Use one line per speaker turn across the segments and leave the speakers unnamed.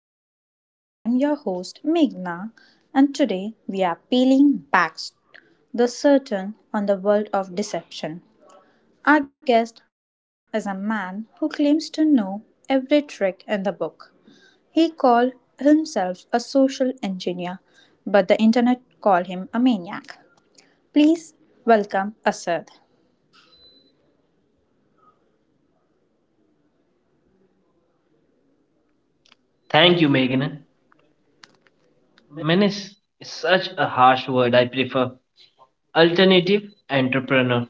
Fraudcast. I am your host Meghna, and today we are peeling back the curtain on the world of deception. Our guest is a man who claims to know every trick in the book. He called himself a social engineer, but the internet called him a maniac. Please welcome Asad.
Thank you,
Thank you,
Meghna.
Meghna.
Menace is such a harsh word. I prefer alternative entrepreneur.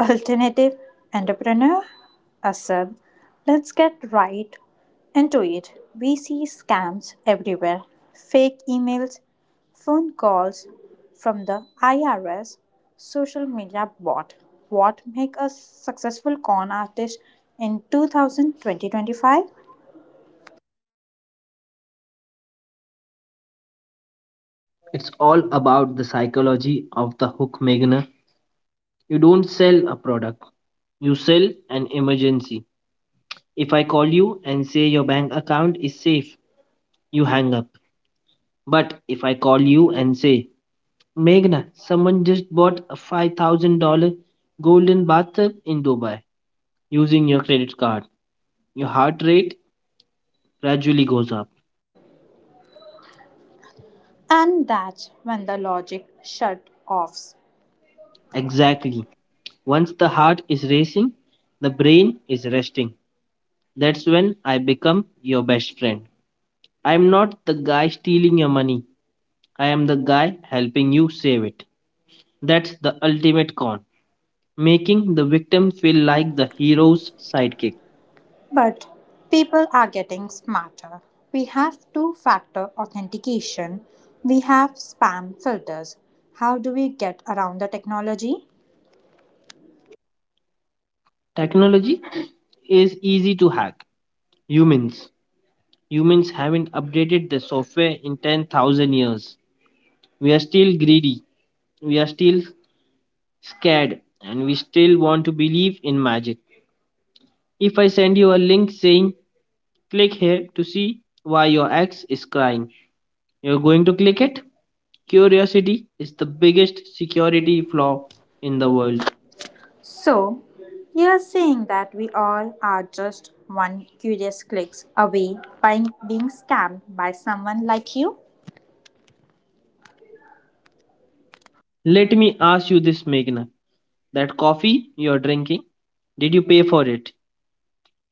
Alternative entrepreneur Asad, let's get right into it. We see scams everywhere: fake emails, phone calls from the IRS, social media bot. What make a successful con artist in 2020?
It's all about the psychology of the hook, Meghna. You don't sell a product, you sell an emergency. If I call you and say your bank account is safe, you hang up. But if I call you and say, Meghna, someone just bought a $5,000 golden bathtub in Dubai using your credit card, your heart rate gradually goes up.
And that's when the logic shut offs.
Exactly. Once the heart is racing, the brain is resting. That's when I become your best friend. I'm not the guy stealing your money. I am the guy helping you save it. That's the ultimate con, making the victim feel like the hero's sidekick.
But people are getting smarter. We have two factor authentication, we have spam filters. How do we get around the technology?
Technology is easy to hack. Humans. Humans haven't updated the software in 10,000 years. We are still greedy. We are still scared. And we still want to believe in magic. If I send you a link saying click here to see why your ex is crying, you're going to click it? Curiosity is the biggest security flaw in the world.
So, you're saying that we all are just one curious clicks away by being scammed by someone like you?
Let me ask you this, Meghna. That coffee you're drinking, did you pay for it?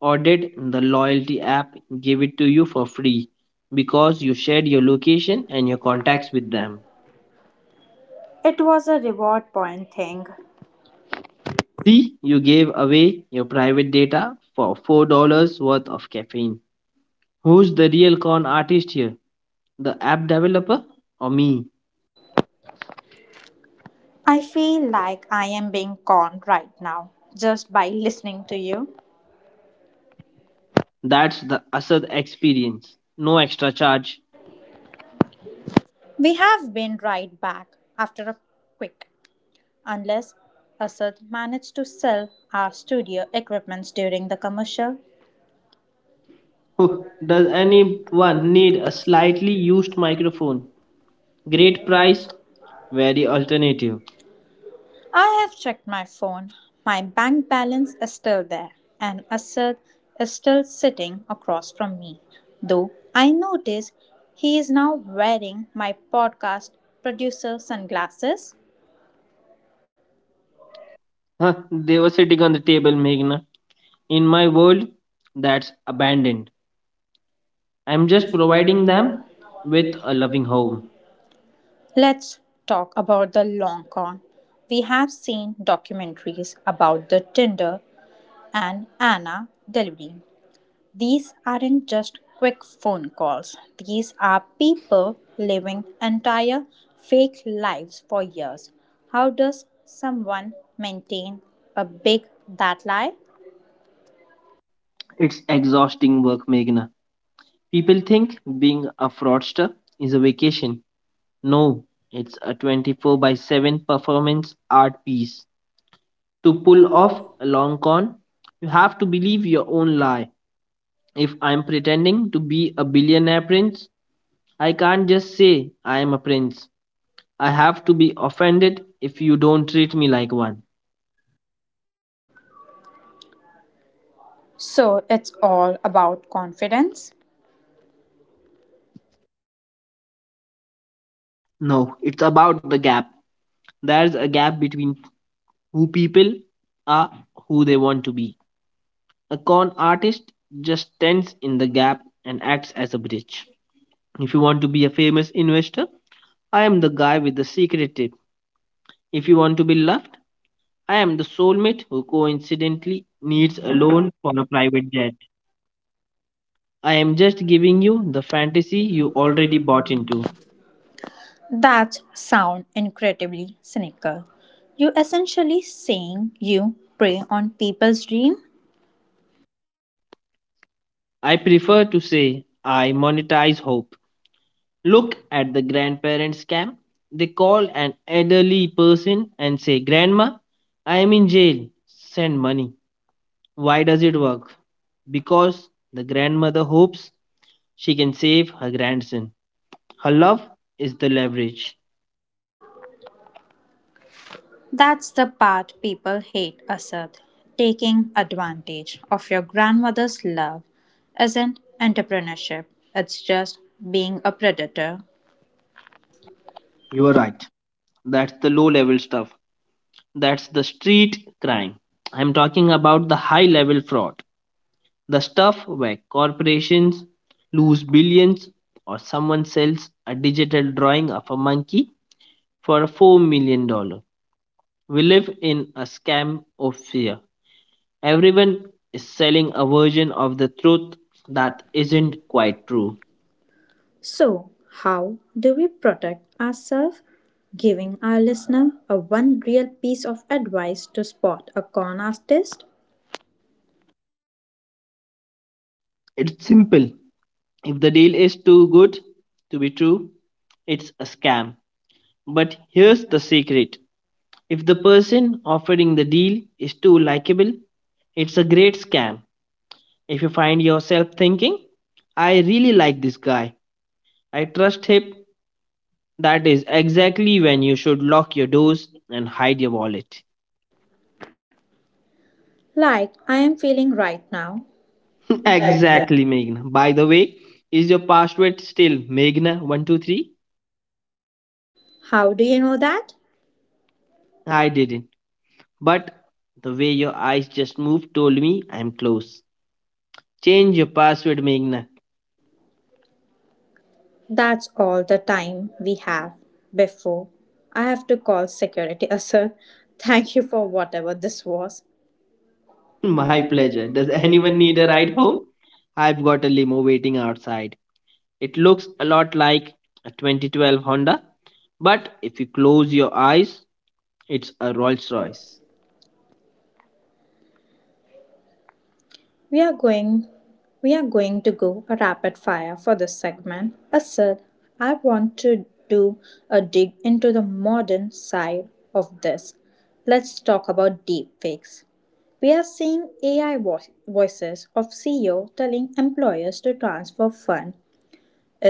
Or did the loyalty app give it to you for free because you shared your location and your contacts with them?
It was a reward point thing.
See, you gave away your private data for $4 worth of caffeine. Who's the real con artist here? The app developer or me?
I feel like I am being conned right now just by listening to you.
That's the Asad experience. No extra charge.
We have been right back after a quick, unless Asad managed to sell our studio equipments during the commercial.
Does
Does anyone
anyone need
need
a
a
slightly
slightly
used
used microphone?
microphone? Great
Great price,
price, very
very alternative.
alternative.
I have checked my phone. My bank balance is still there, and Asad is still sitting across from me. Though I notice he is now wearing my podcast producer sunglasses.
Huh, they were sitting on the table, Meghna. In my world, that's abandoned. I'm
I'm
just
just
providing
providing
them
them
with
with
a loving home.
home. Let's talk about the long con. We have seen documentaries about the Tinder and Anna delivery. These aren't just quick phone calls, these are people living entire fake lives for years. How does someone maintain a big that lie?
It's exhausting work, Meghna. People think being a fraudster is a vacation. No, it's a 24 by 7 performance art piece to pull off a long con. You have to believe your own lie. If I'm pretending to be a billionaire prince, I can't just say I am a prince. I have to be offended if you don't treat me like one.
So it's all about confidence.
No, it's about the gap. There's a gap between who people are, who they want to be. A con artist just stands in the gap and acts as a bridge. If you want to be a famous investor, I am the guy with the secret tip. If you want to be loved, I am the soulmate who coincidentally needs a loan for a private jet. I am just giving you the
I
fantasy
see
you
you
already
already
bought
bought into
into.
it. That sound incredibly cynical. You essentially saying you prey on people's dream?
I prefer to say I monetize hope. Look at the grandparent scam. They call an elderly person and say, "Grandma, I am in jail. Send money." Why does it work? Because the grandmother hopes she can save her grandson. Her love is the leverage.
That's the part people hate, Asad. Taking advantage of your grandmother's love isn't entrepreneurship. It's just being a predator.
You are right. That's the low level stuff. That's the street crime. I'm talking about the high level fraud. The stuff where corporations lose billions, or someone sells a digital drawing of a monkey for $4 million dollars. We live in a scam of fear. Everyone is selling a version of the truth that
That
isn't
isn't
quite
quite
true.
true. So, how do we protect ourselves? Giving our listener a one real piece of advice to spot a con artist
It's simple. If the deal is too good to be true, it's a scam. But here's the secret: if the person offering the deal is too likable, it's a great scam. If you find yourself thinking, "I really like this guy, I trust him," that is exactly when you should lock your doors and hide your wallet.
like I am feeling right now. Exactly.
Exactly, Meghna. By the way, is your password still Meghna123?
How do you know that?
I didn't. But the way your eyes just moved told me I'm close. Change your password, Meghna.
That's all the time we have before I have to call security. Sir, thank you for whatever this was.
My
My
pleasure.
pleasure.
Does
Does
anyone
anyone
need
need
a
a
ride
ride?
home? I've got a limo waiting outside. It looks a lot like a 2012 Honda, but if you close your eyes, it's a Rolls
Sorry.
Royce.
We are going we are going to go a rapid fire for this segment. Asad, I want to do a dig into the modern side of this. Let's talk about deepfakes. We are seeing AI voices of CEO telling employers to transfer fund.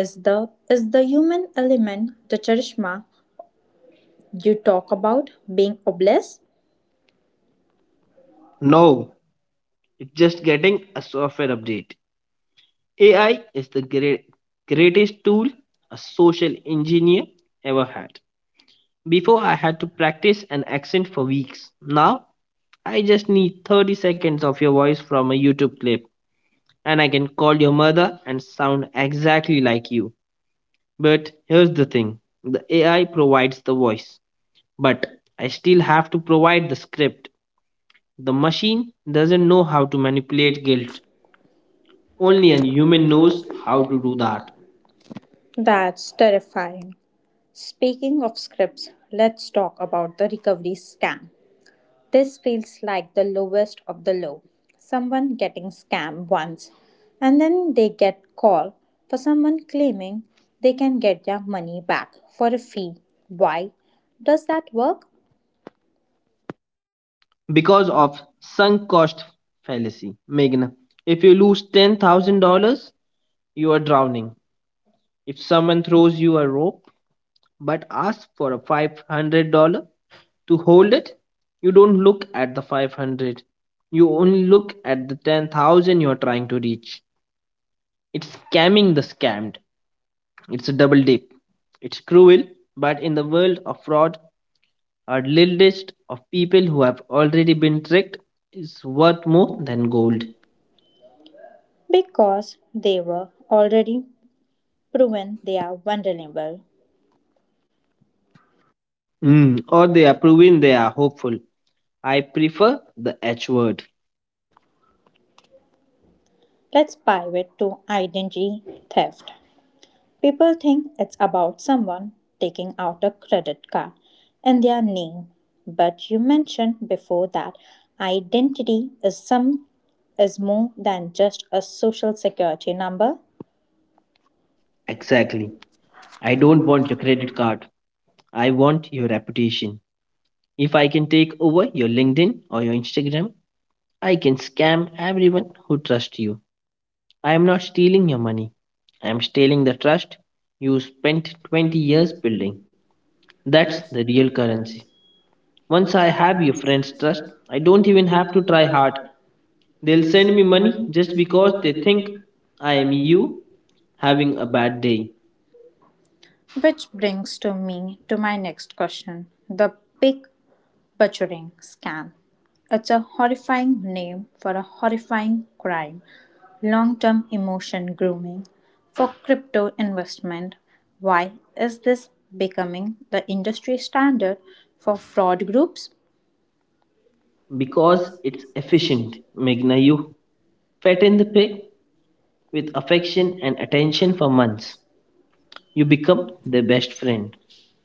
Is the human element, the charisma you talk about, being oblivious?
No, it's just getting a software update. AI is the greatest tool a social engineer ever had. Before, I had to practice an accent for weeks. Now, I just need 30 seconds of your voice from a YouTube clip, and I can call your mother and sound exactly like you. But here's the thing: the AI provides the voice, but I still have to provide the script. The machine doesn't know how to manipulate guilt, only
Only
a
a
human
human
knows
knows
how
how to
to do
do
that
that. That's terrifying. Speaking of scripts, let's talk about the recovery scam. This feels like the lowest of the low. Someone getting scammed once and then they get call for someone claiming they can get their money back for a fee. Why does that work?
because of sunk cost fallacy. Meghna, if you lose $10,000, you are drowning. If someone throws you a rope but asks for a $500, to hold it, you don't look at the 500, you only look at the 10,000 you're trying to reach. It's scamming the scammed. It's a double dip. It's cruel, but in the world of fraud, our little list of people who have already been tricked is worth more than gold.
Because they were already proven they are vulnerable.
Mm, or they are proving they are hopeful. I prefer the h word.
Let's pivot to identity theft. People think it's about someone taking out a credit card in their name, but you mentioned before that identity is some is more than just a social security number.
Exactly. I
I
don't
don't
want your
want to
credit
wait
card, I want your reputation. If I can take over your LinkedIn or your Instagram, I can scam everyone who trusts you. I am not stealing your money. I am stealing the trust you spent
20
20
years.
years building. That's
That's
the real currency.
once
Once I have your friend's trust, I don't even have to try hard.
they'll
They'll send
send me
me money
money
just
just
because
because
they
they think
think I
I am
am you
you
having
having
a
a
bad
bad
day.
day. Which brings to me to my next question, the big Butchering scam. It's a horrifying name for a horrifying crime. Long term emotion grooming for crypto investment. Why is this becoming the industry standard for fraud groups?
Because
Because
it's
it's
efficient,
efficient.
Meghna. You fatten the pig with
With
affection
affection
and
and
attention
attention
for
from
months. You become
become
their best friend,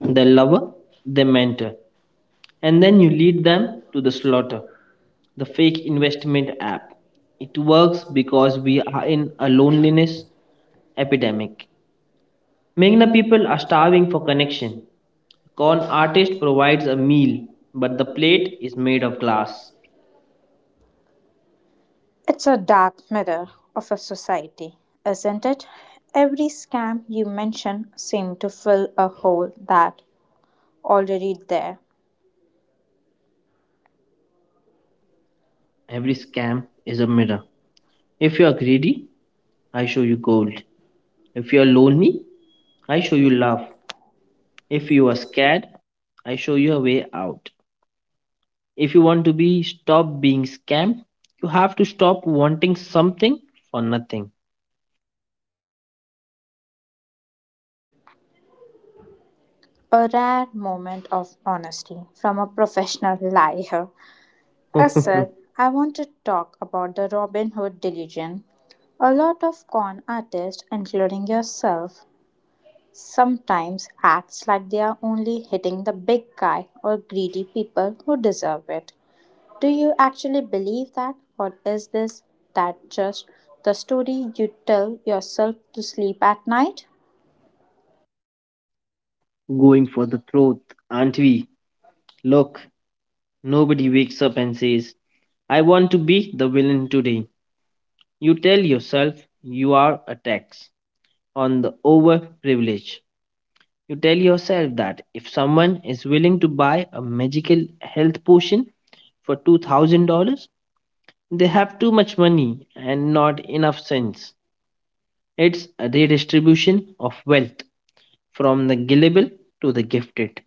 their
them,
lover, their mentor, and then you lead
leave
them
them
to the
a lot
slaughter.
of
The fake investment
Made
app.
app.
It
It
works
works
because
because
we
we
are in a loneliness
witness epidemic.
epidemic. Meghna,
Many
people
people
are
are
starving
starving
for
for
connection. Con
Con
artist
eye
provides a
provides a
meal,
meal,
but the
a
plate
plate
is made
made
of
of
glass.
glass. It's a dark mirror of a society, isn't it? Every scam you mention seems to fill a hole that already there.
Every
Every
scam
scam
is a mirror. If you are greedy, I show you gold. If you are lonely, I show you
you
love.
love,
If you are
you are scared.
scared, I show you a way out. If you want to be stop being scammed, you have to stop wanting something for nothing.
A rare moment of honesty from a professional liar. As said, I want to talk about the Robin Hood delusion. A lot of con artists, including yourself, sometimes acts like they are only hitting the big guy or greedy people who deserve it. Do you actually believe that, or is this that just the story you tell yourself to sleep at night?
Going for the throat, aren't we? Look, nobody wakes up and says, "I want to be the villain today." You tell yourself you are a tax on the overprivileged. You tell yourself that if someone is willing to buy a magical health potion for $2,000, they have too much money and not enough sense. It's a redistribution of wealth from the gullible to the gifted.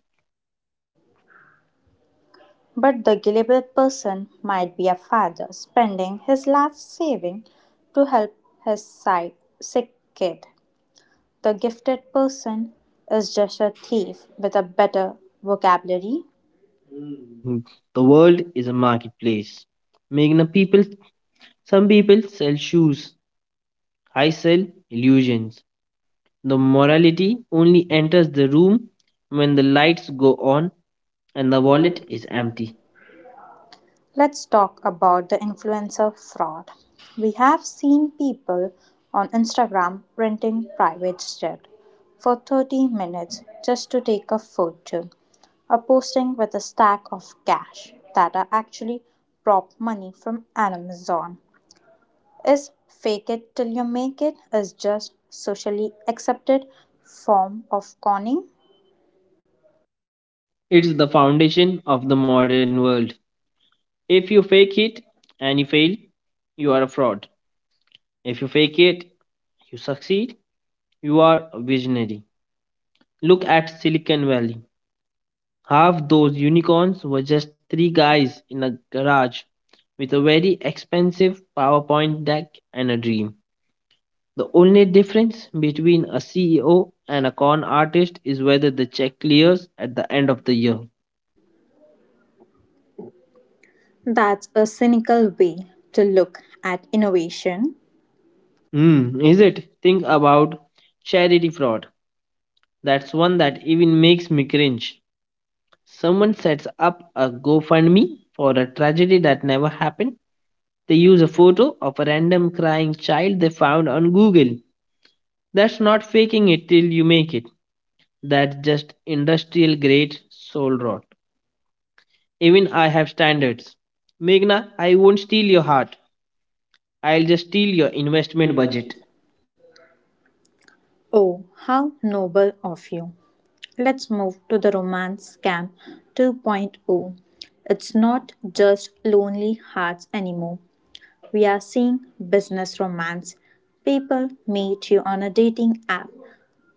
But the gullible person might be a father spending his last saving to help his sick kid. The gifted person is just a thief with a better vocabulary.
Hmm, the world is a marketplace. Making the people, some people sell shoes. I sell illusions. The morality only enters the room when the lights go on and the
The
wallet
wallet
is
is empty.
empty.
Let's talk about the influencer fraud. We have seen people on Instagram renting private jet for 30 minutes just to take a photo, or posting with a stack of cash that are actually prop money from Amazon. Is fake it till you make it is just socially accepted form of conning?
It's the foundation of the modern world. If you fake it and you fail, you are a fraud. If you fake it, you succeed, you are a visionary. Look at Silicon Valley. Half those unicorns were just three guys in a garage with a very expensive PowerPoint deck and a dream. The only difference between a CEO and a con artist is whether the check clears at the end of the year.
That's a cynical way to look at innovation.
Hmm, is it? Think about charity fraud. That's one that even makes me cringe. Someone sets up a GoFundMe for a tragedy that never happened. They use a photo of a random crying child they found on Google. That's not faking it till you make it. That's just industrial grade soul rot. Even I have standards. Meghna, I won't steal your heart. I'll just steal your investment budget.
Oh, how noble of you. Let's move to the Romance Scam 2.0. Point oh. It's not just lonely hearts anymore. We are seeing business romance. People meet you on a dating app,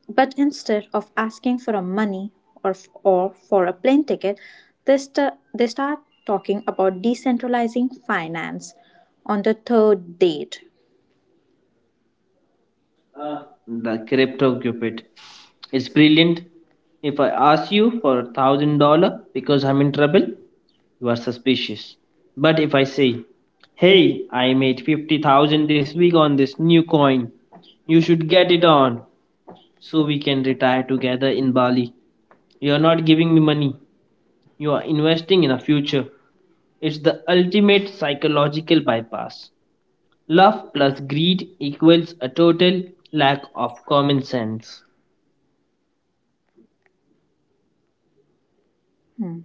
but instead of asking for a money or for a plane ticket, they start talking about decentralizing finance on the third date. Ah,
Ah, the
the character
crypto
of debate
cupid.
is
It's
brilliant.
brilliant.
If
If I
I
ask
ask you
you
for
for a
one thousand
thousand dollar
dollar,
because I'm in trouble, you are suspicious.
but
But if I say,
hey,
"Hey, I made fifty
one
thousand
thousand
this
this
week
week on
on this
this
new
new coin,
coin, you
you
should
should get
get
it
it on
so
so
we
we
can.
can retire together in Bali."
You are
You're not
not
giving
giving
me
me money.
money, you
You
are
are
investing
investing in
in a
us.
future. It's
It's the
the
ultimate
ultimate
psychology.
psychological bypass.
Love
Love plus
plus greed
greed
equals
equals a
a
total
total lack
lack of
of
common
common sense.
sense.
Hmm.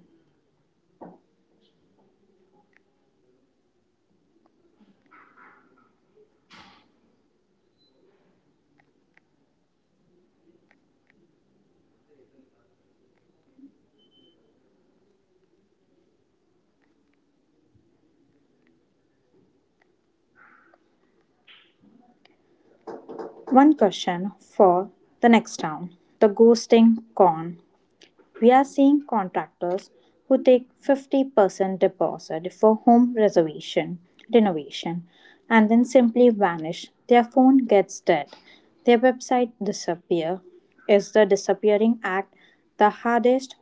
One question for the next round, the ghosting con. We are seeing contractors who take 50% deposit for home reservation, renovation, and then simply vanish. Their phone gets dead. Their website disappear. Is the disappearing act the hardest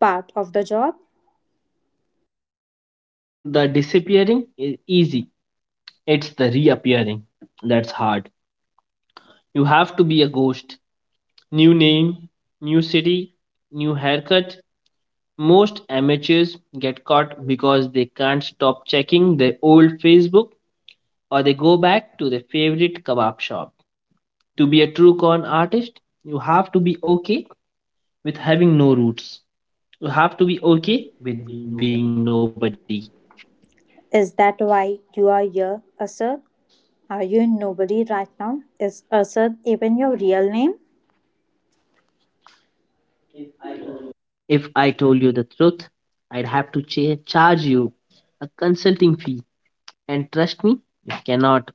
part of the job?
The disappearing is easy, it's the reappearing that's hard. You have to be a ghost. New name, new city, new haircut. Most amateurs get caught because they can't stop checking their old Facebook or they go back to their favorite kebab shop. To be a true con artist, you have to be okay with having no roots. You have to be okay with being nobody.
Is that why you are here, Asad? Are you nobody right now? Is Asad even your real name?
If I told you the truth, I'd have to charge you a consulting fee, and trust me, you cannot afford it.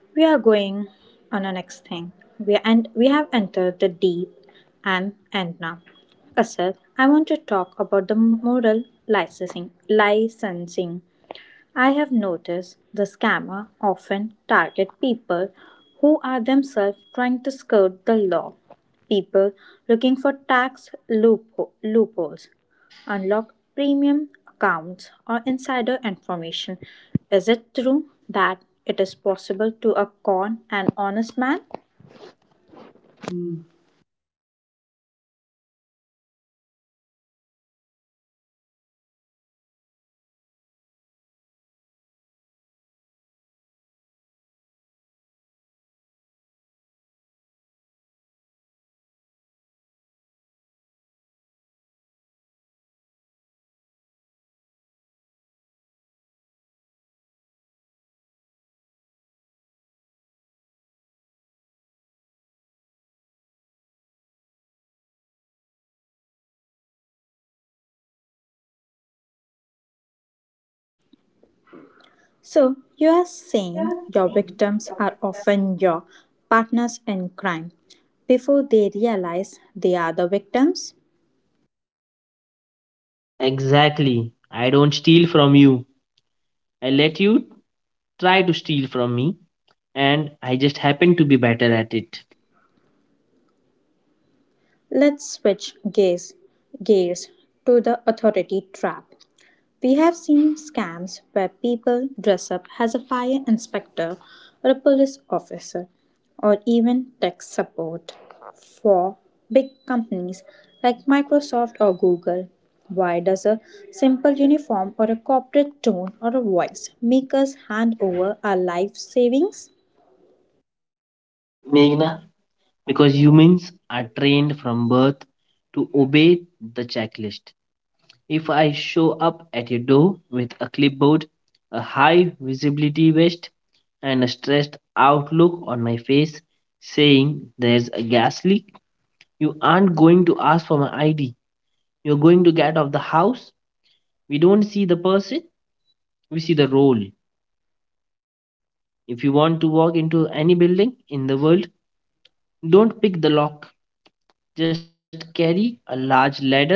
We are going on our next thing. We have entered the deep and end now. Kasar, I want to talk about the moral licensing I have noticed the scammer often target people who are themselves trying to skirt the law, people looking for tax loopholes, unlock premium accounts or insider information. Is it true that it is possible to a con an honest man?
Hmm, that's an old saying, and it's about 90% true. The easiest person to scam is someone with a little bit of l- larceny in their own heart. If I offer you a way to get a $1,000 iPhone for a $100 bill, you know deep down it's probably stolen or a scam. But because you think you're getting away with something, you don't ask questions. You think you are the shark. So you don't realize you are the bait.
So, you are saying your victims are often your partners in crime before they realize they are the victims?
Exactly. I don't steal from you. I let you try to steal from me and I just happen to be better at it.
Let's switch gears, gears to the authority trap. We have seen scams where people dress up as a fire inspector or a police officer or even tech support for big companies like Microsoft or Google. Why does a simple uniform or a corporate tone or a voice make us hand over our life savings?
Meghna, because humans are trained from birth to obey the checklist. If I show up at your door with a clipboard, a high visibility vest, and a stressed outlook on my face saying there's a gas leak, you aren't going to ask for my ID. You're going to get out of the house. We don't see the person, we see the role. If you want to walk into any building in the world, don't pick the lock. Just carry a large ladder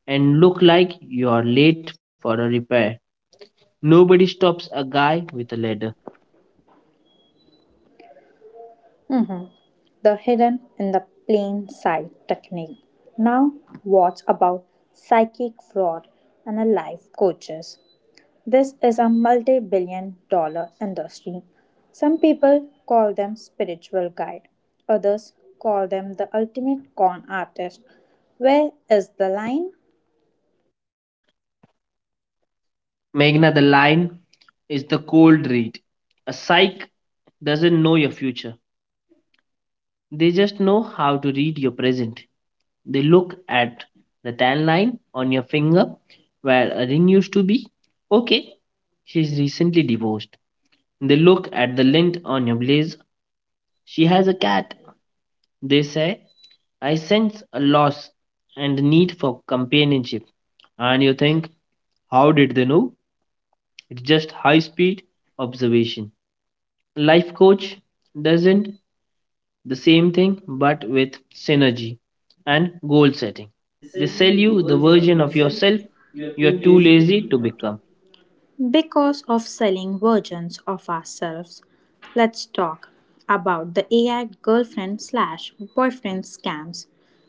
and look like you're late for a repair. Nobody stops a guy with a ladder.
Mhm. The hidden in the plain sight technique. Now, what's about psychic fraud and a life coaches? This is a multi billion-dollar industry. Some people call them spiritual guide, others call them the ultimate con artist. Where is the line?
Meghna, the line is the cold read. A psych doesn't know your future. They just know how to read your present. They look at the tan line on your finger where a ring used to be. Okay, she's recently divorced. They look at the lint on your blazer. She has a cat. They say I sense a loss and need for companionship. And you think, how did they know? It's just high speed observation. Life coach doesn't the same thing but with synergy and goal setting.
They sell
They sell
you the
you the
version of
version of
yourself
yourself
you are
you
too
are too
lazy to
lazy to
become.
become.
Because of selling versions of ourselves, let's talk about the AI girlfriend slash boyfriend scams.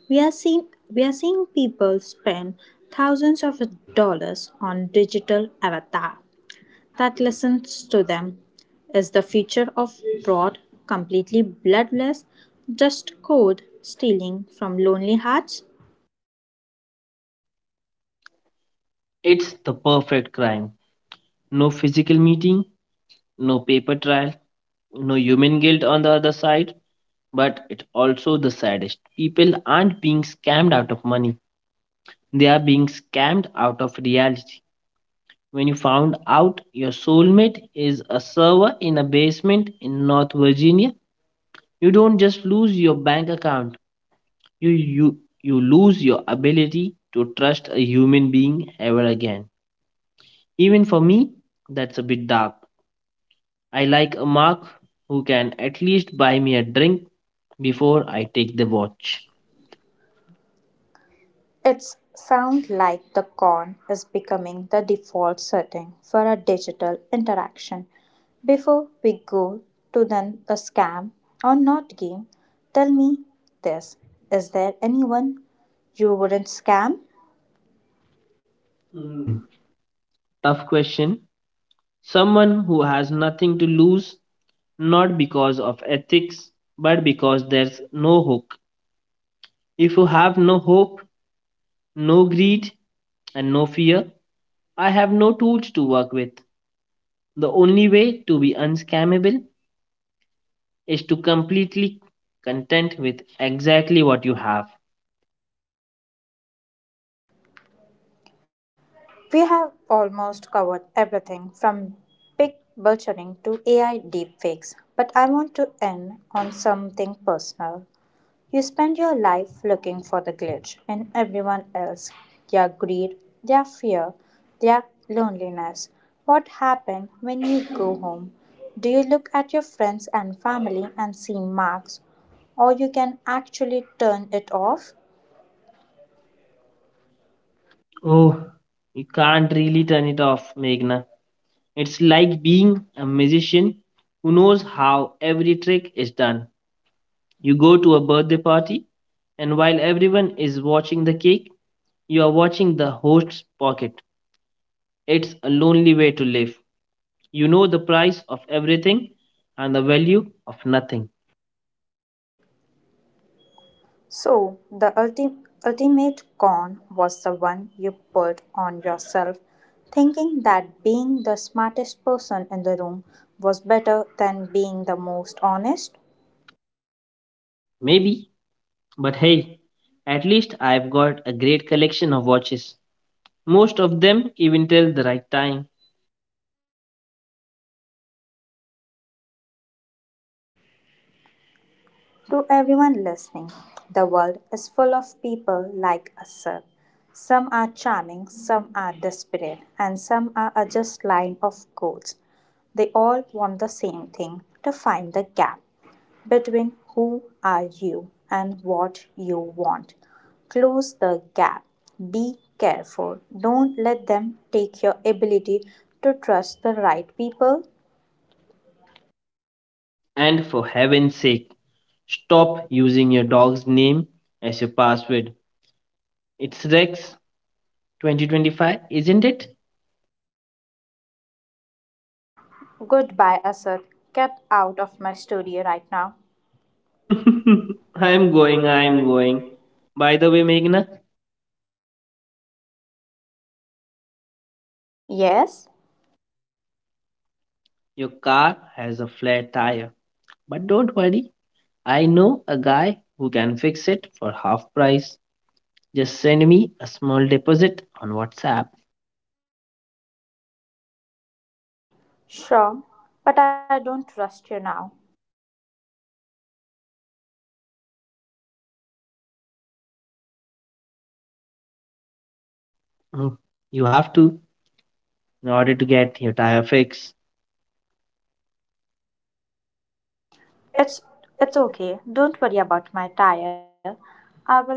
We are seeing we are seeing people spend thousands of dollars on digital avatar that listens to them. Is the future of fraud completely bloodless, just code stealing from lonely hearts?
It's the perfect crime. No physical meeting, no paper trial, no human guilt on the other side. But it's also the saddest. People aren't being scammed out of money, they are being scammed out of reality. When you found out your soulmate is a server in a basement in North Virginia, you don't just lose your bank account, you lose your ability to trust a human being ever again. Even for me, that's a bit dark. I like a mark who can at least buy me a drink before I take the watch.
It's sound like the con is becoming the default setting for a digital interaction. Before we go to then the scam or not game, tell me this. Is there anyone you wouldn't scam?
Mm,
Mm.
tough question. Someone who has nothing to lose, not because of ethics, but because there's no hook. If you have no hope, no greed, and no fear, I have no tools to work with. The only way to be unscammable is to completely content with exactly what you have.
We have almost covered everything from big vulturing to AI deepfakes, but I want to end on something personal. You spend your life looking for the glitch in everyone else, their greed, their fear, their loneliness. What happens when you go home? Do you look at your friends and family and see marks, or you can actually turn it off?
Oh, you can't really turn it off, Meghna. It's like being a musician who knows how every trick is done. You go to a birthday party, and while everyone is watching the cake, you are watching the host's pocket. It's a lonely way to live. You know the price of everything and the value of nothing.
So, the ultimate con was the one you put on yourself, thinking that being the smartest person in the room was better than being the most honest.
Maybe, but hey, at least I've got a great collection of watches. Most of them even tell the right time.
To everyone listening, the world is full of people like us. Sir. Some are charming, some are desperate, and some are a just line of goals. They all want the same thing to find the gap between who are you and what you want. Close the gap. Be careful. Don't let them take your ability to trust the right people.
And for heaven's sake, stop using your dog's name as your password. It's Rex 2025, isn't it?
Goodbye, Asad. Get out of my studio right now.
I'm
I'm
going,
going,
I'm
I'm
going.
going.
By the way, Meghna,
Yes,
your car has a flat tire. But don't worry, I know a guy who can fix it for half price. Just send me a small deposit on WhatsApp.
sure, but I don't trust you now.
Mm, you have to in order to get your tire fixed.
It's okay. Don't worry about my tire. I will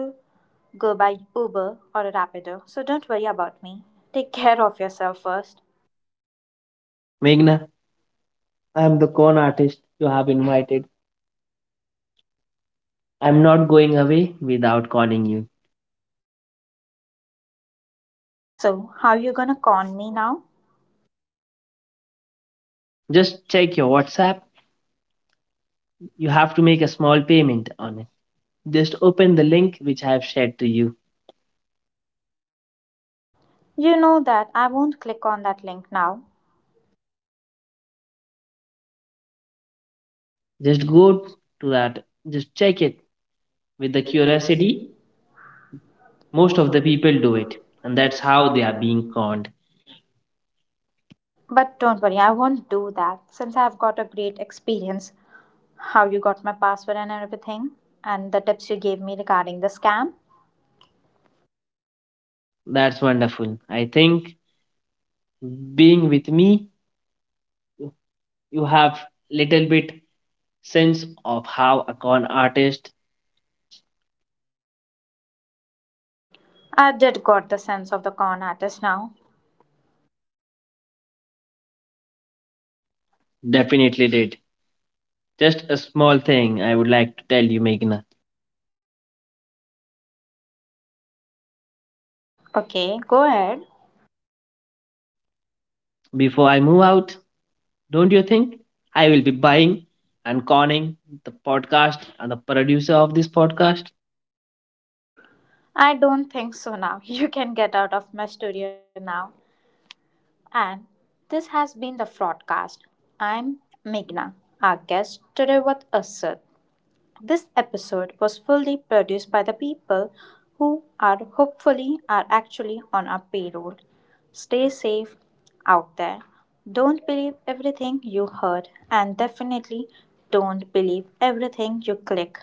go by Uber or a Rapido, so don't worry about me. Take care of yourself first.
Meghna, I'm the con artist you have invited. I'm not going away without calling you.
So, how you gonna con me now?
Just check your WhatsApp. You have to make a small payment on. Just open the link which I have shared to you.
You know that I won't click on that link now.
Just go to that. Just check it with the
With the
curiosity.
curiosity,
Most
most
of the
of the
people
people
do
do
it,
it,
and
and
that's
that's
how they
how they
are
are
being
being.
conned.
But don't worry, I won't do that since I've got a great experience. How you got my password and everything, and the tips you gave me regarding the scam.
That's wonderful. I think being with me, you have little bit sense of how a con artist
I did got the sense of the con artist now.
definitely did. Just a small thing I would like to tell you, Meghna.
Okay, go ahead.
Before I move out, don't you think I will be buying and conning the podcast and the producer of this podcast?
I don't think so now. You can get out of my studio now. And this has been the fraudcast. I'm Meghna, our guest today with Asad. This episode was fully produced by the people who are hopefully are actually on our payroll. Stay safe out there. Don't believe everything you heard and definitely don't believe everything you click.